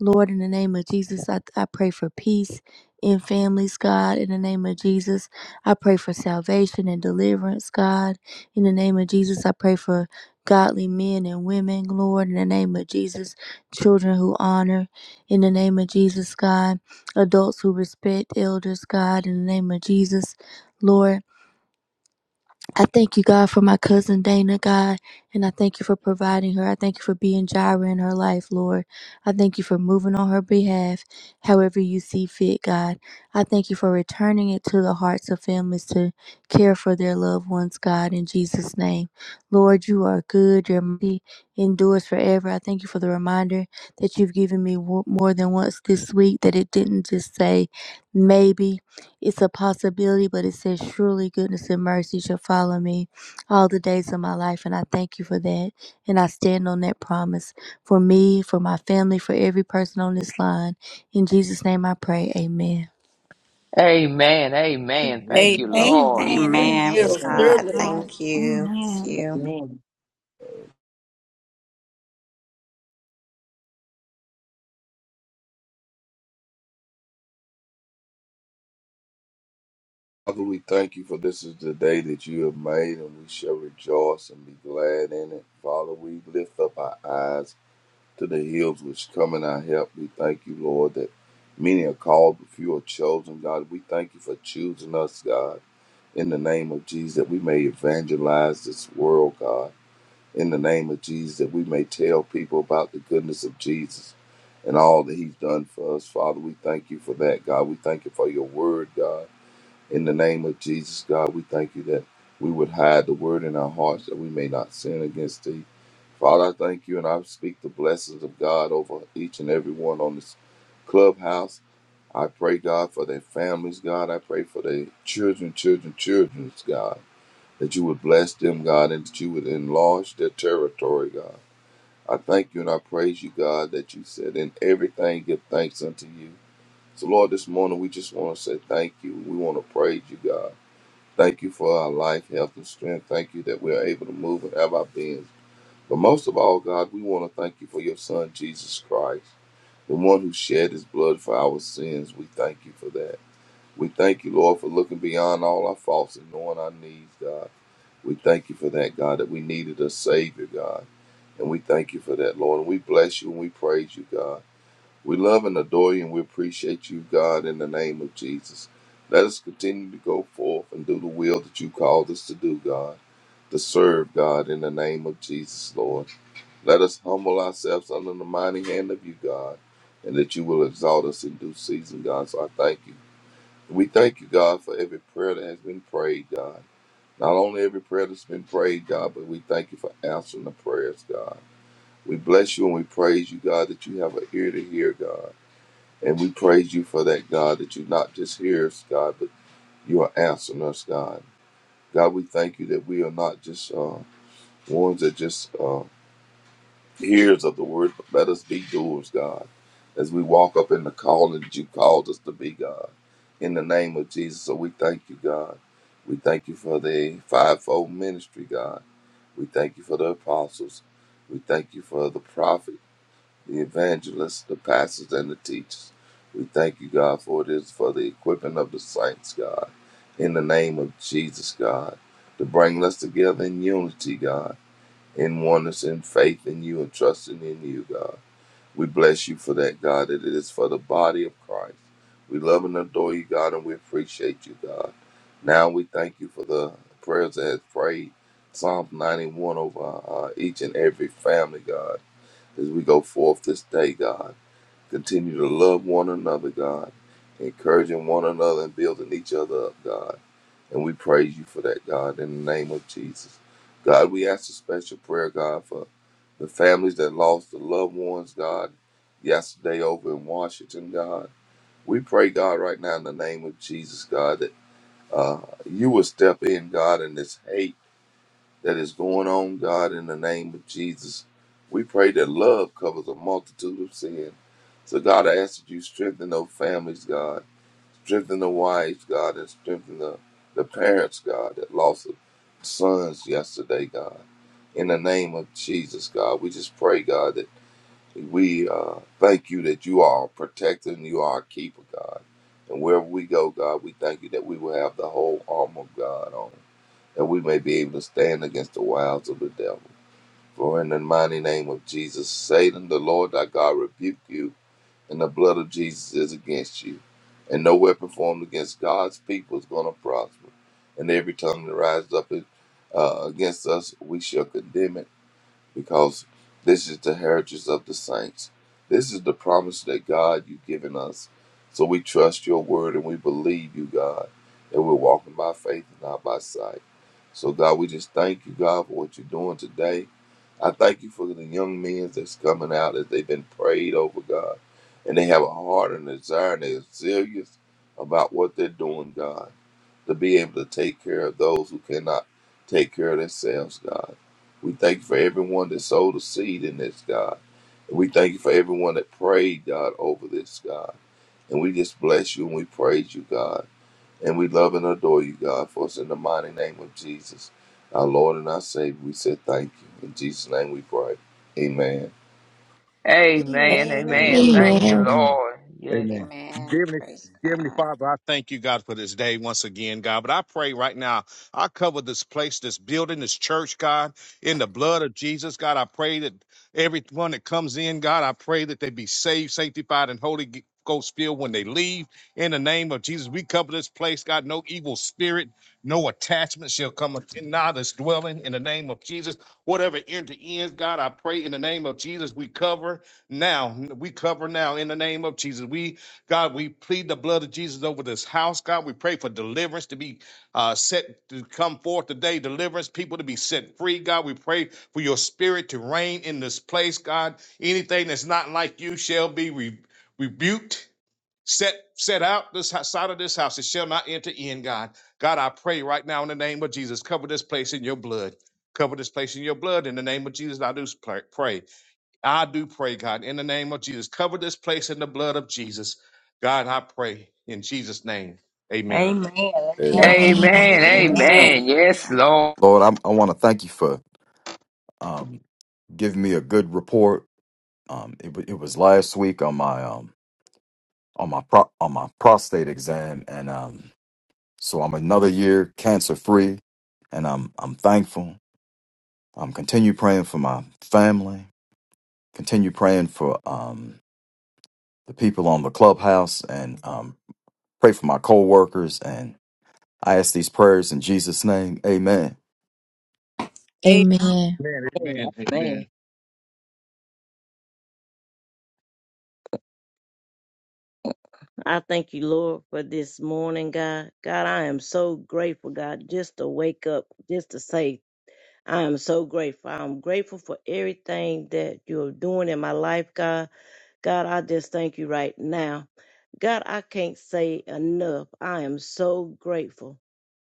[SPEAKER 1] Lord, in the name of Jesus, I, I pray for peace in families, God. In the name of Jesus, I pray for salvation and deliverance, God. In the name of Jesus, I pray for godly men and women, Lord. In the name of Jesus, children who honor. In the name of Jesus, God. Adults who respect elders, God. In the name of Jesus, Lord. I thank you, God, for my cousin Dana, God, and I thank you for providing her. I thank you for being Jireh in her life, Lord. I thank you for moving on her behalf, however you see fit, God. I thank you for returning it to the hearts of families to care for their loved ones, God, in Jesus' name. Lord, you are good. Your mercy endures forever. I thank you for the reminder that you've given me wo- more than once this week that it didn't just say maybe. It's a possibility, but it says, Surely goodness and mercy shall follow me all the days of my life. And I thank you for that. And I stand on that promise for me, for my family, for every person on this line. In Jesus' name I pray. Amen.
[SPEAKER 3] Amen. Amen. Thank you, Lord.
[SPEAKER 4] Amen.
[SPEAKER 3] Yes.
[SPEAKER 6] Amen.
[SPEAKER 4] Amen.
[SPEAKER 6] Praise
[SPEAKER 4] Praise
[SPEAKER 8] Amen.
[SPEAKER 6] God.
[SPEAKER 4] God.
[SPEAKER 6] Thank you. Thank
[SPEAKER 4] Amen.
[SPEAKER 6] you.
[SPEAKER 7] man!
[SPEAKER 8] Father, we thank you for this is the day that you have made, and we shall rejoice and be glad in it. Father, we lift up our eyes to the hills which come in our help. We thank you, Lord, that many are called, but few are chosen. God, we thank you for choosing us, God, in the name of Jesus, that we may evangelize this world, God. in the name of Jesus, that we may tell people about the goodness of Jesus and all that He's done for us. Father, we thank you for that, God. We thank you for your word, God. In the name of Jesus, God, we thank you that we would hide the word in our hearts that we may not sin against thee. Father, I thank you and I speak the blessings of God over each and every one on this clubhouse. I pray, God, for their families, God. I pray for their children, children, children's God that you would bless them, God, and that you would enlarge their territory, God. I thank you and I praise you, God, that you said, in everything give thanks unto you. So, Lord, this morning we just want to say thank you. We want to praise you, God. Thank you for our life, health, and strength. Thank you that we are able to move and have our beings. But most of all, God, we want to thank you for your Son, Jesus Christ, the one who shed his blood for our sins. We thank you for that. We thank you, Lord, for looking beyond all our faults and knowing our needs, God. We thank you for that, God, that we needed a Savior, God. And we thank you for that, Lord. And we bless you and we praise you, God. We love and adore you and we appreciate you, God, in the name of Jesus. Let us continue to go forth and do the will that you called us to do, God, to serve God in the name of Jesus, Lord. Let us humble ourselves under the mighty hand of you, God, and that you will exalt us in due season, God. So I thank you. We thank you, God, for every prayer that has been prayed, God. Not only every prayer that's been prayed, God, but we thank you for answering the prayers, God. We bless you and we praise you, God, that you have an ear to hear, God. And we praise you for that, God, that you not just hear us, God, but you are answering us, God. God, we thank you that we are not just uh, ones that just uh, hears of the word, but let us be doers, God, as we walk up in the calling that you called us to be, God. In the name of Jesus, so we thank you, God. We thank you for the fivefold ministry, God. We thank you for the apostles. We thank you for the prophet, the evangelists, the pastors, and the teachers. We thank you, God, for it is for the equipping of the saints, God, in the name of Jesus, God, to bring us together in unity, God, in oneness, in faith in you, and trusting in you, God. We bless you for that, God. that It is for the body of Christ. We love and adore you, God, and we appreciate you, God. Now we thank you for the prayers that has prayed. Psalm 91 over uh, each and every family, God, as we go forth this day, God. Continue to love one another, God, encouraging one another and building each other up, God. And we praise you for that, God, in the name of Jesus. God, we ask a special prayer, God, for the families that lost the loved ones, God, yesterday over in Washington, God. We pray, God, right now in the name of Jesus, God, that uh, you will step in, God, in this hate that is going on, God, in the name of Jesus. We pray that love covers a multitude of sin. So, God, I ask that you strengthen those families, God. Strengthen the wives, God, and strengthen the, the parents, God, that lost the sons yesterday, God. In the name of Jesus, God, we just pray, God, that we uh, thank you that you are a protector and you are a keeper, God. And wherever we go, God, we thank you that we will have the whole armor of God on, that we may be able to stand against the wiles of the devil. For in the mighty name of Jesus, Satan, the Lord thy God, rebuke you and the blood of Jesus is against you. And no weapon formed against God's people is going to prosper. And every tongue that rises up uh, against us, we shall condemn it, because this is the heritage of the saints. This is the promise that God you've given us. So we trust your word and we believe you, God, that we're walking by faith and not by sight. So, God, we just thank you, God, for what you're doing today. I thank you for the young men that's coming out as they've been prayed over, God and they have a heart and a desire and they're serious about what they're doing, God, to be able to take care of those who cannot take care of themselves, God. We thank you for everyone that sowed a seed in this, God. And we thank you for everyone that prayed, God, over this, God. And we just bless you and we praise you, God. And we love and adore you, God, for us in the mighty name of Jesus, our Lord and our Savior. We say thank you. In Jesus' name we pray. Amen.
[SPEAKER 4] Amen.
[SPEAKER 3] Amen. Amen.
[SPEAKER 2] Amen.
[SPEAKER 3] Thank you,
[SPEAKER 2] Amen.
[SPEAKER 1] Amen.
[SPEAKER 7] Amen.
[SPEAKER 2] Amen.
[SPEAKER 3] Lord. Yes.
[SPEAKER 2] Amen. Dear
[SPEAKER 6] Amen.
[SPEAKER 2] Heavenly,
[SPEAKER 6] Praise
[SPEAKER 2] dear Heavenly
[SPEAKER 6] God.
[SPEAKER 2] Father, I thank you, God, for this day once again, God. But I pray right now, I cover this place, this building, this church, God, in the blood of Jesus, God. I pray that everyone that comes in, God, I pray that they be saved, sanctified, and holy. G- Ghost filled when they leave in the name of Jesus. We cover this place, God. No evil spirit, no attachment shall come nigh this dwelling in the name of Jesus. Whatever enter in, God, I pray in the name of Jesus. We cover now. We cover now in the name of Jesus. We, God, we plead the blood of Jesus over this house, God. We pray for deliverance to be uh, set to come forth today, deliverance, people to be set free, God. We pray for your spirit to reign in this place, God. Anything that's not like you shall be re- rebuked set set out this side of this house it shall not enter in god god i pray right now in the name of jesus cover this place in your blood cover this place in your blood in the name of jesus i do pray. i do pray god in the name of jesus cover this place in the blood of jesus god i pray in jesus name amen
[SPEAKER 10] Amen.
[SPEAKER 8] Amen.
[SPEAKER 10] Amen.
[SPEAKER 3] Amen.
[SPEAKER 6] Amen.
[SPEAKER 10] Amen.
[SPEAKER 3] Amen. Yes,
[SPEAKER 6] Hallelujah.
[SPEAKER 3] Lord.
[SPEAKER 11] Lord, I, I want to thank you for um, giving me a good report. Um, it, wa- it was last week on my um, on my pro- on my prostate exam, and um, so I'm another year cancer free, and I'm I'm thankful. Um, continue praying for my family. Continue praying for um, the people on the clubhouse, and um, pray for my coworkers. And I ask these prayers in Jesus' name, Amen.
[SPEAKER 5] Amen.
[SPEAKER 1] Amen.
[SPEAKER 2] Amen, amen, amen,
[SPEAKER 7] Amen. I thank you, Lord, for this morning, God. God, I am so grateful, God, just to wake up, just to say, I am so grateful. I'm grateful for everything that you're doing in my life, God. God, I just thank you right now. God, I can't say enough. I am so grateful.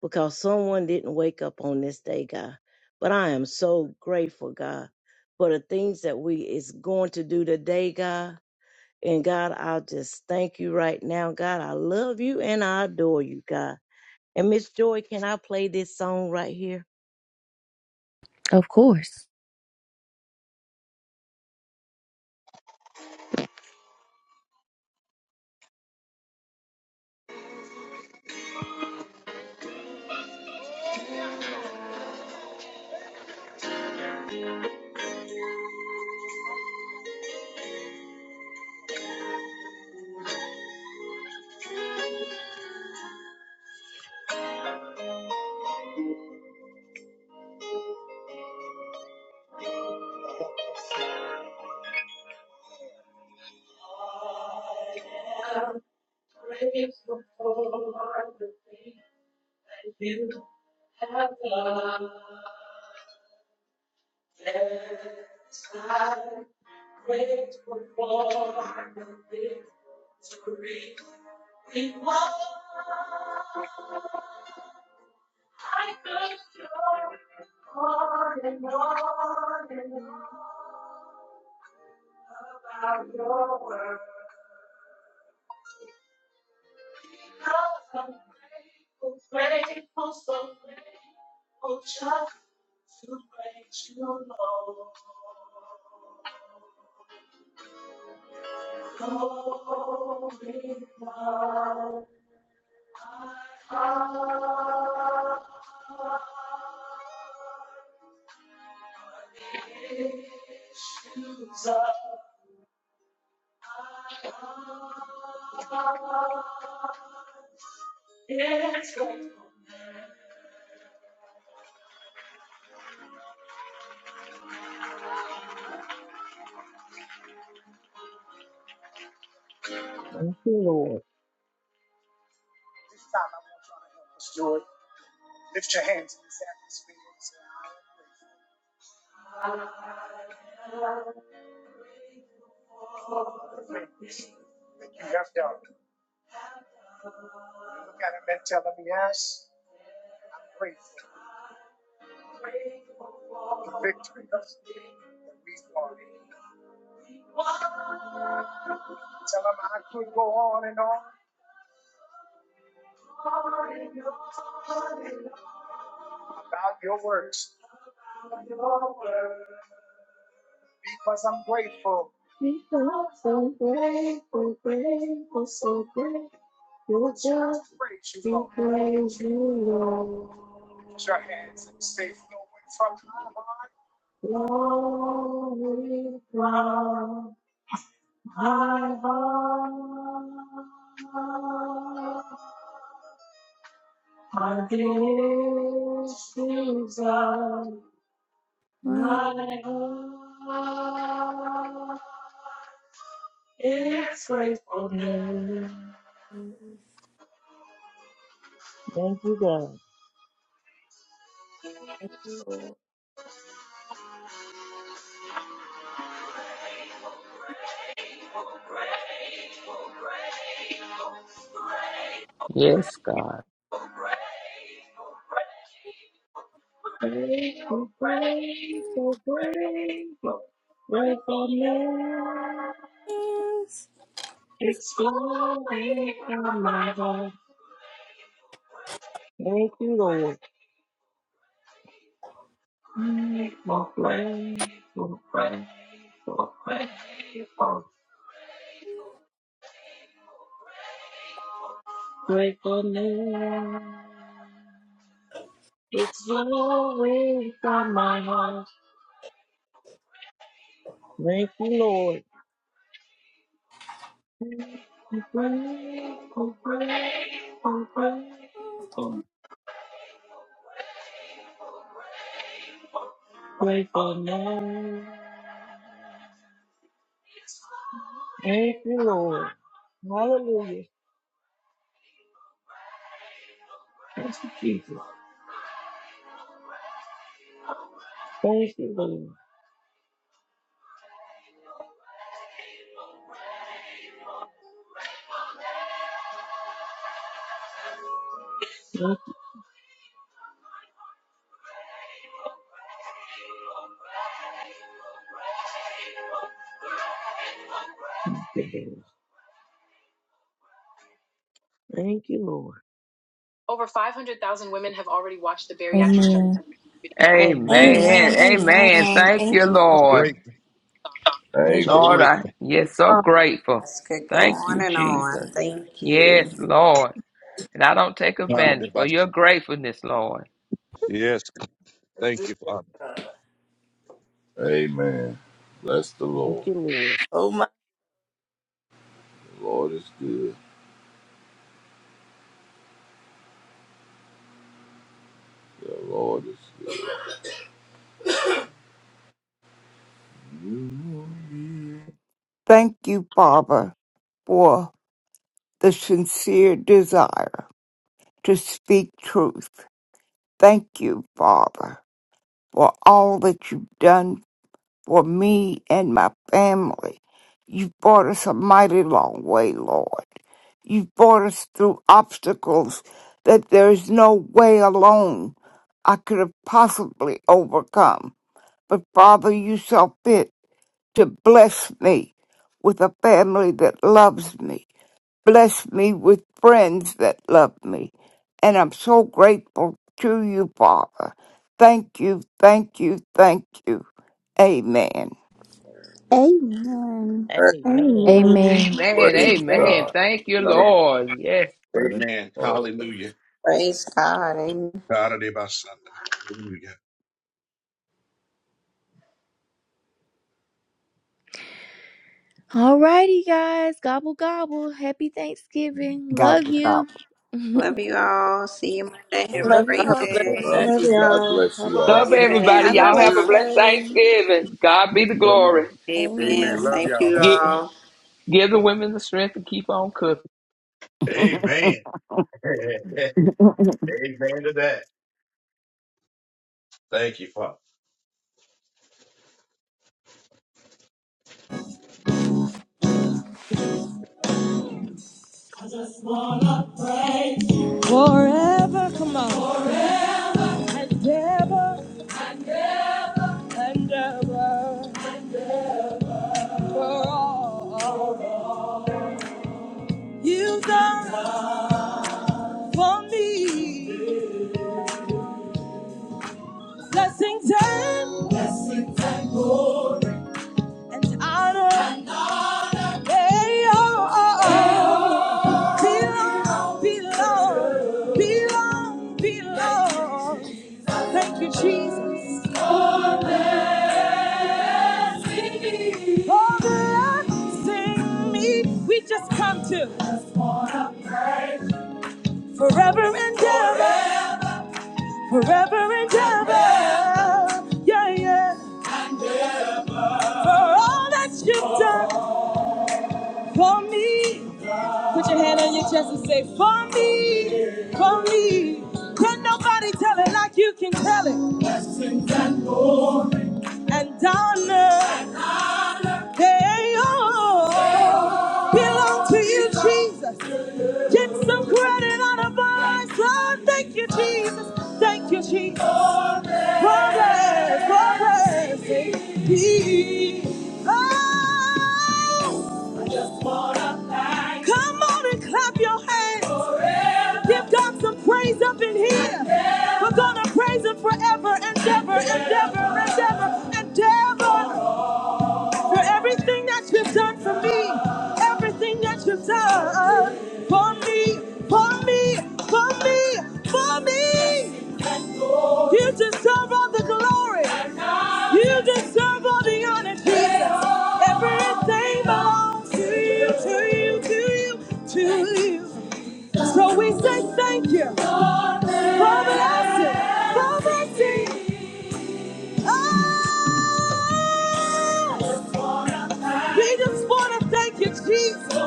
[SPEAKER 7] because someone didn't wake up on this day, God. But I am so grateful, God, for the things that we is going to do today, God. And God, I'll just thank you right now, God. I love you and I adore you, God. And Miss Joy, can I play this song right here?
[SPEAKER 1] Of course.
[SPEAKER 7] I'm grateful for the things that you have done. Yes, I'm grateful for the victory we won. I could go on and on and on about your word. Because I'm grateful, grateful, so grateful just to praise you, Lord. Glory, glory. Thank you, Lord. Grateful, so grateful, grateful, so grateful. You just praise you, Lord. Glory from my heart. I give things up, my God. It's gratefulness. Thank you, God.
[SPEAKER 5] Wow.
[SPEAKER 3] Yes, God.
[SPEAKER 7] Grateful, grateful, grateful. Grateful from my heart. Thank you, Lord. Thank you, Lord. Thank you, Lord. Thank you, Lord. Thank you, Lord. Over 500,000 women have already watched the bariatric
[SPEAKER 1] Amen.
[SPEAKER 7] gelatin video Amen.
[SPEAKER 2] amen.
[SPEAKER 3] Amen. Amen. Thank you, Lord.
[SPEAKER 2] Great,
[SPEAKER 8] Amen.
[SPEAKER 7] Thank
[SPEAKER 2] so
[SPEAKER 7] you.
[SPEAKER 3] Lord,
[SPEAKER 7] Lord.
[SPEAKER 3] I
[SPEAKER 2] grateful,
[SPEAKER 3] yes, so grateful.
[SPEAKER 6] This could go
[SPEAKER 3] Thank
[SPEAKER 6] on
[SPEAKER 3] you,
[SPEAKER 6] and
[SPEAKER 3] Jesus.
[SPEAKER 6] on. Thank you.
[SPEAKER 3] Yes, Lord. And I don't take
[SPEAKER 2] Father. Dear
[SPEAKER 3] advantage for
[SPEAKER 2] Boss.
[SPEAKER 3] your gratefulness, Lord.
[SPEAKER 2] Yes, thank you, Father.
[SPEAKER 8] Amen. Bless the Lord.
[SPEAKER 7] Thank you, Lord.
[SPEAKER 5] Oh my
[SPEAKER 8] Lord is good. The Lord is good. You will be.
[SPEAKER 11] Thank you, Father, for the sincere desire. to speak truth. Thank you, Father, for all that you've done for me and my family. You've brought us a mighty long way, Lord. You've brought us through obstacles that there is no way alone I could have possibly overcome. But Father, you saw fit to bless me with a family that loves me bless me with friends that love me. And I'm so grateful to you, Father. Thank you, thank you, thank you. Amen.
[SPEAKER 4] Amen. Amen.
[SPEAKER 1] Amen.
[SPEAKER 4] Amen.
[SPEAKER 3] Amen.
[SPEAKER 7] Amen.
[SPEAKER 8] Praise
[SPEAKER 5] Lord.
[SPEAKER 3] Amen.
[SPEAKER 8] God.
[SPEAKER 3] Thank you,
[SPEAKER 5] Love
[SPEAKER 2] Amen,
[SPEAKER 3] Lord. Yes.
[SPEAKER 8] Bless-
[SPEAKER 11] Amen.
[SPEAKER 2] amen,
[SPEAKER 8] Oh,
[SPEAKER 2] hallelujah.
[SPEAKER 6] Praise God. Amen.
[SPEAKER 2] Father, Dear Boss, hallelujah.
[SPEAKER 1] Alrighty, guys. Gobble, gobble. Happy Thanksgiving.
[SPEAKER 11] God
[SPEAKER 1] Love
[SPEAKER 11] bless.
[SPEAKER 1] you. [LAUGHS]
[SPEAKER 6] Love you all. See you Monday. Have a
[SPEAKER 5] y'all.
[SPEAKER 4] Love you
[SPEAKER 6] great
[SPEAKER 5] Have
[SPEAKER 4] all
[SPEAKER 5] a blessed
[SPEAKER 4] too.
[SPEAKER 5] day.
[SPEAKER 8] love
[SPEAKER 6] day.
[SPEAKER 9] Love
[SPEAKER 8] you. God
[SPEAKER 9] y'all.
[SPEAKER 8] bless
[SPEAKER 9] Have
[SPEAKER 8] you
[SPEAKER 9] a
[SPEAKER 8] all.
[SPEAKER 3] Love
[SPEAKER 9] blessed day.
[SPEAKER 3] everybody.
[SPEAKER 4] Have
[SPEAKER 6] Amen.
[SPEAKER 4] a
[SPEAKER 6] Love
[SPEAKER 3] Y'all have
[SPEAKER 6] you
[SPEAKER 3] a
[SPEAKER 4] blessed
[SPEAKER 6] all.
[SPEAKER 3] blessed
[SPEAKER 4] day.
[SPEAKER 3] Thanksgiving. God be the glory.
[SPEAKER 2] Amen,
[SPEAKER 6] Amen.
[SPEAKER 2] amen.
[SPEAKER 4] Amen.
[SPEAKER 2] Love
[SPEAKER 6] Thank
[SPEAKER 2] y'all.
[SPEAKER 6] you
[SPEAKER 3] Get,
[SPEAKER 6] all.
[SPEAKER 3] give the women the strength to keep on cooking.
[SPEAKER 2] Amen, [LAUGHS] amen to that. Thank you, Father.
[SPEAKER 1] Forever, come on. Ever and ever. For all. Blessings in and honor, they all belong, belong, belong, belong. Thank you, Jesus. For blessing me, we just come to forever and ever, forever and ever. Yeah, yeah. For all that you've done for me, put your hand on your chest and say, For me, for me. Can nobody tell it like you can tell it? and honor. They all belong to you, Jesus. Get some credit on a our Lord. Thank you, Jesus. Thank you, Jesus. Progress, progress. Ah, Come on and clap your hands. Give God some praise up in here. We're gonna praise Him forever, endeavor, endeavor, endeavor, endeavor. For everything that you've done for me, everything that you've done for me, for me, for me, for me. You deserve all the glory. You deserve all the honor, Jesus. Everything belongs to you, to you, to you, to you. So we say thank you for blessing, for blessing. Oh, we just want to thank you, Jesus,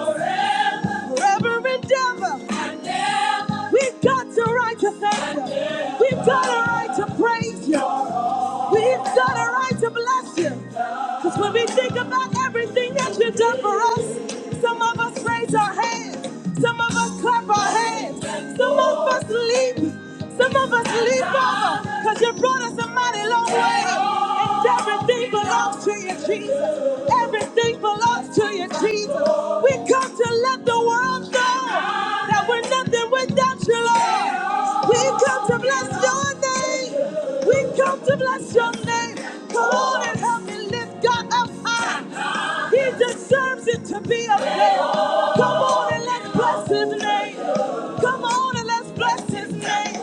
[SPEAKER 1] for every endeavor. We've got the right to thank you. We've got a right to praise you. We've got a right to bless you. Because when we think about everything that you've done for us, some of us raise our hands, some of us clap our hands, some of us leap, some of us leap over. Because you brought us a mighty long way. And everything belongs to you, Jesus. Everything belongs to you, Jesus. We come to let the world know that we're nothing without you, Lord. We come to bless your name. We come to bless your name. Come on and help me lift God up high. He deserves it to be up there. Come on and let's bless his name. Come on and let's bless his name.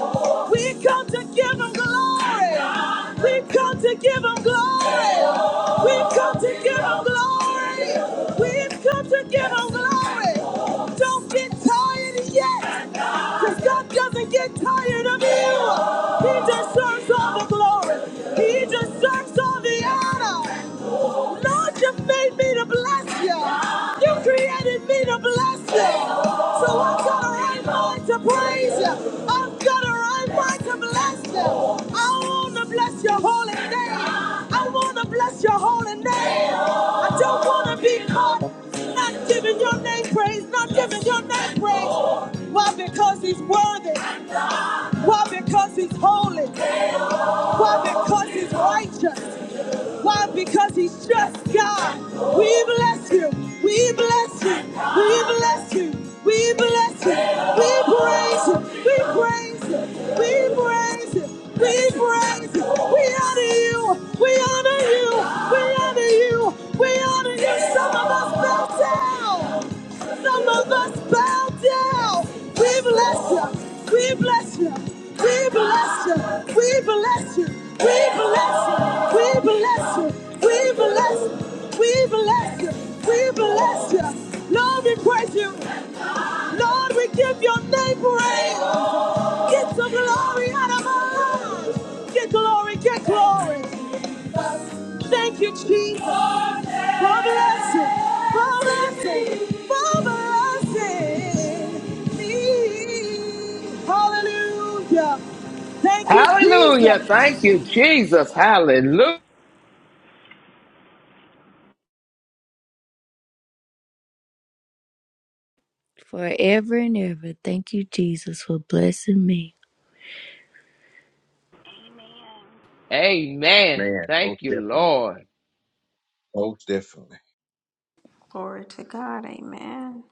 [SPEAKER 1] We come to give him glory. We come to give him glory. We come to give him glory. We've come to give him glory. Don't get tired yet. Because God doesn't get tired of you. He deserves all the glory. He deserves all the honor. Lord, you made me to bless you. You created me to bless you. So I've got a right mind to praise you. I've got a right mind to bless you. I want to bless your holy name. I want to bless your holy name. I don't want to be caught not giving your name praise, not giving your name praise. Why? Because he's worthy. Why? Because he's holy. Why? Because he's righteous. Why? Because he's just God. We bless you. We bless you. We bless you. We bless you. We praise you. We praise you. We praise you. We praise you. We honor you. We honor you. We honor you. We honor you. Some of us fell down. Some of us bow down. We bless you. We bless you. We bless you. We bless you. We bless you. We bless you. We bless you. We bless you. We bless you. Lord, we praise you. Lord, we give your name praise. Get the glory out of us. Get glory. Get glory. Thank you, Jesus. For blessing, for blessing, for blessing me. Hallelujah. Thank you,
[SPEAKER 3] Hallelujah.
[SPEAKER 1] Jesus.
[SPEAKER 3] Thank you, Jesus. Hallelujah.
[SPEAKER 1] Forever and ever, thank you, Jesus, for blessing me.
[SPEAKER 3] Amen.
[SPEAKER 2] Amen.
[SPEAKER 3] Thank
[SPEAKER 2] Most
[SPEAKER 3] you,
[SPEAKER 2] definitely.
[SPEAKER 3] Lord.
[SPEAKER 2] Most definitely.
[SPEAKER 6] Glory to God. Amen.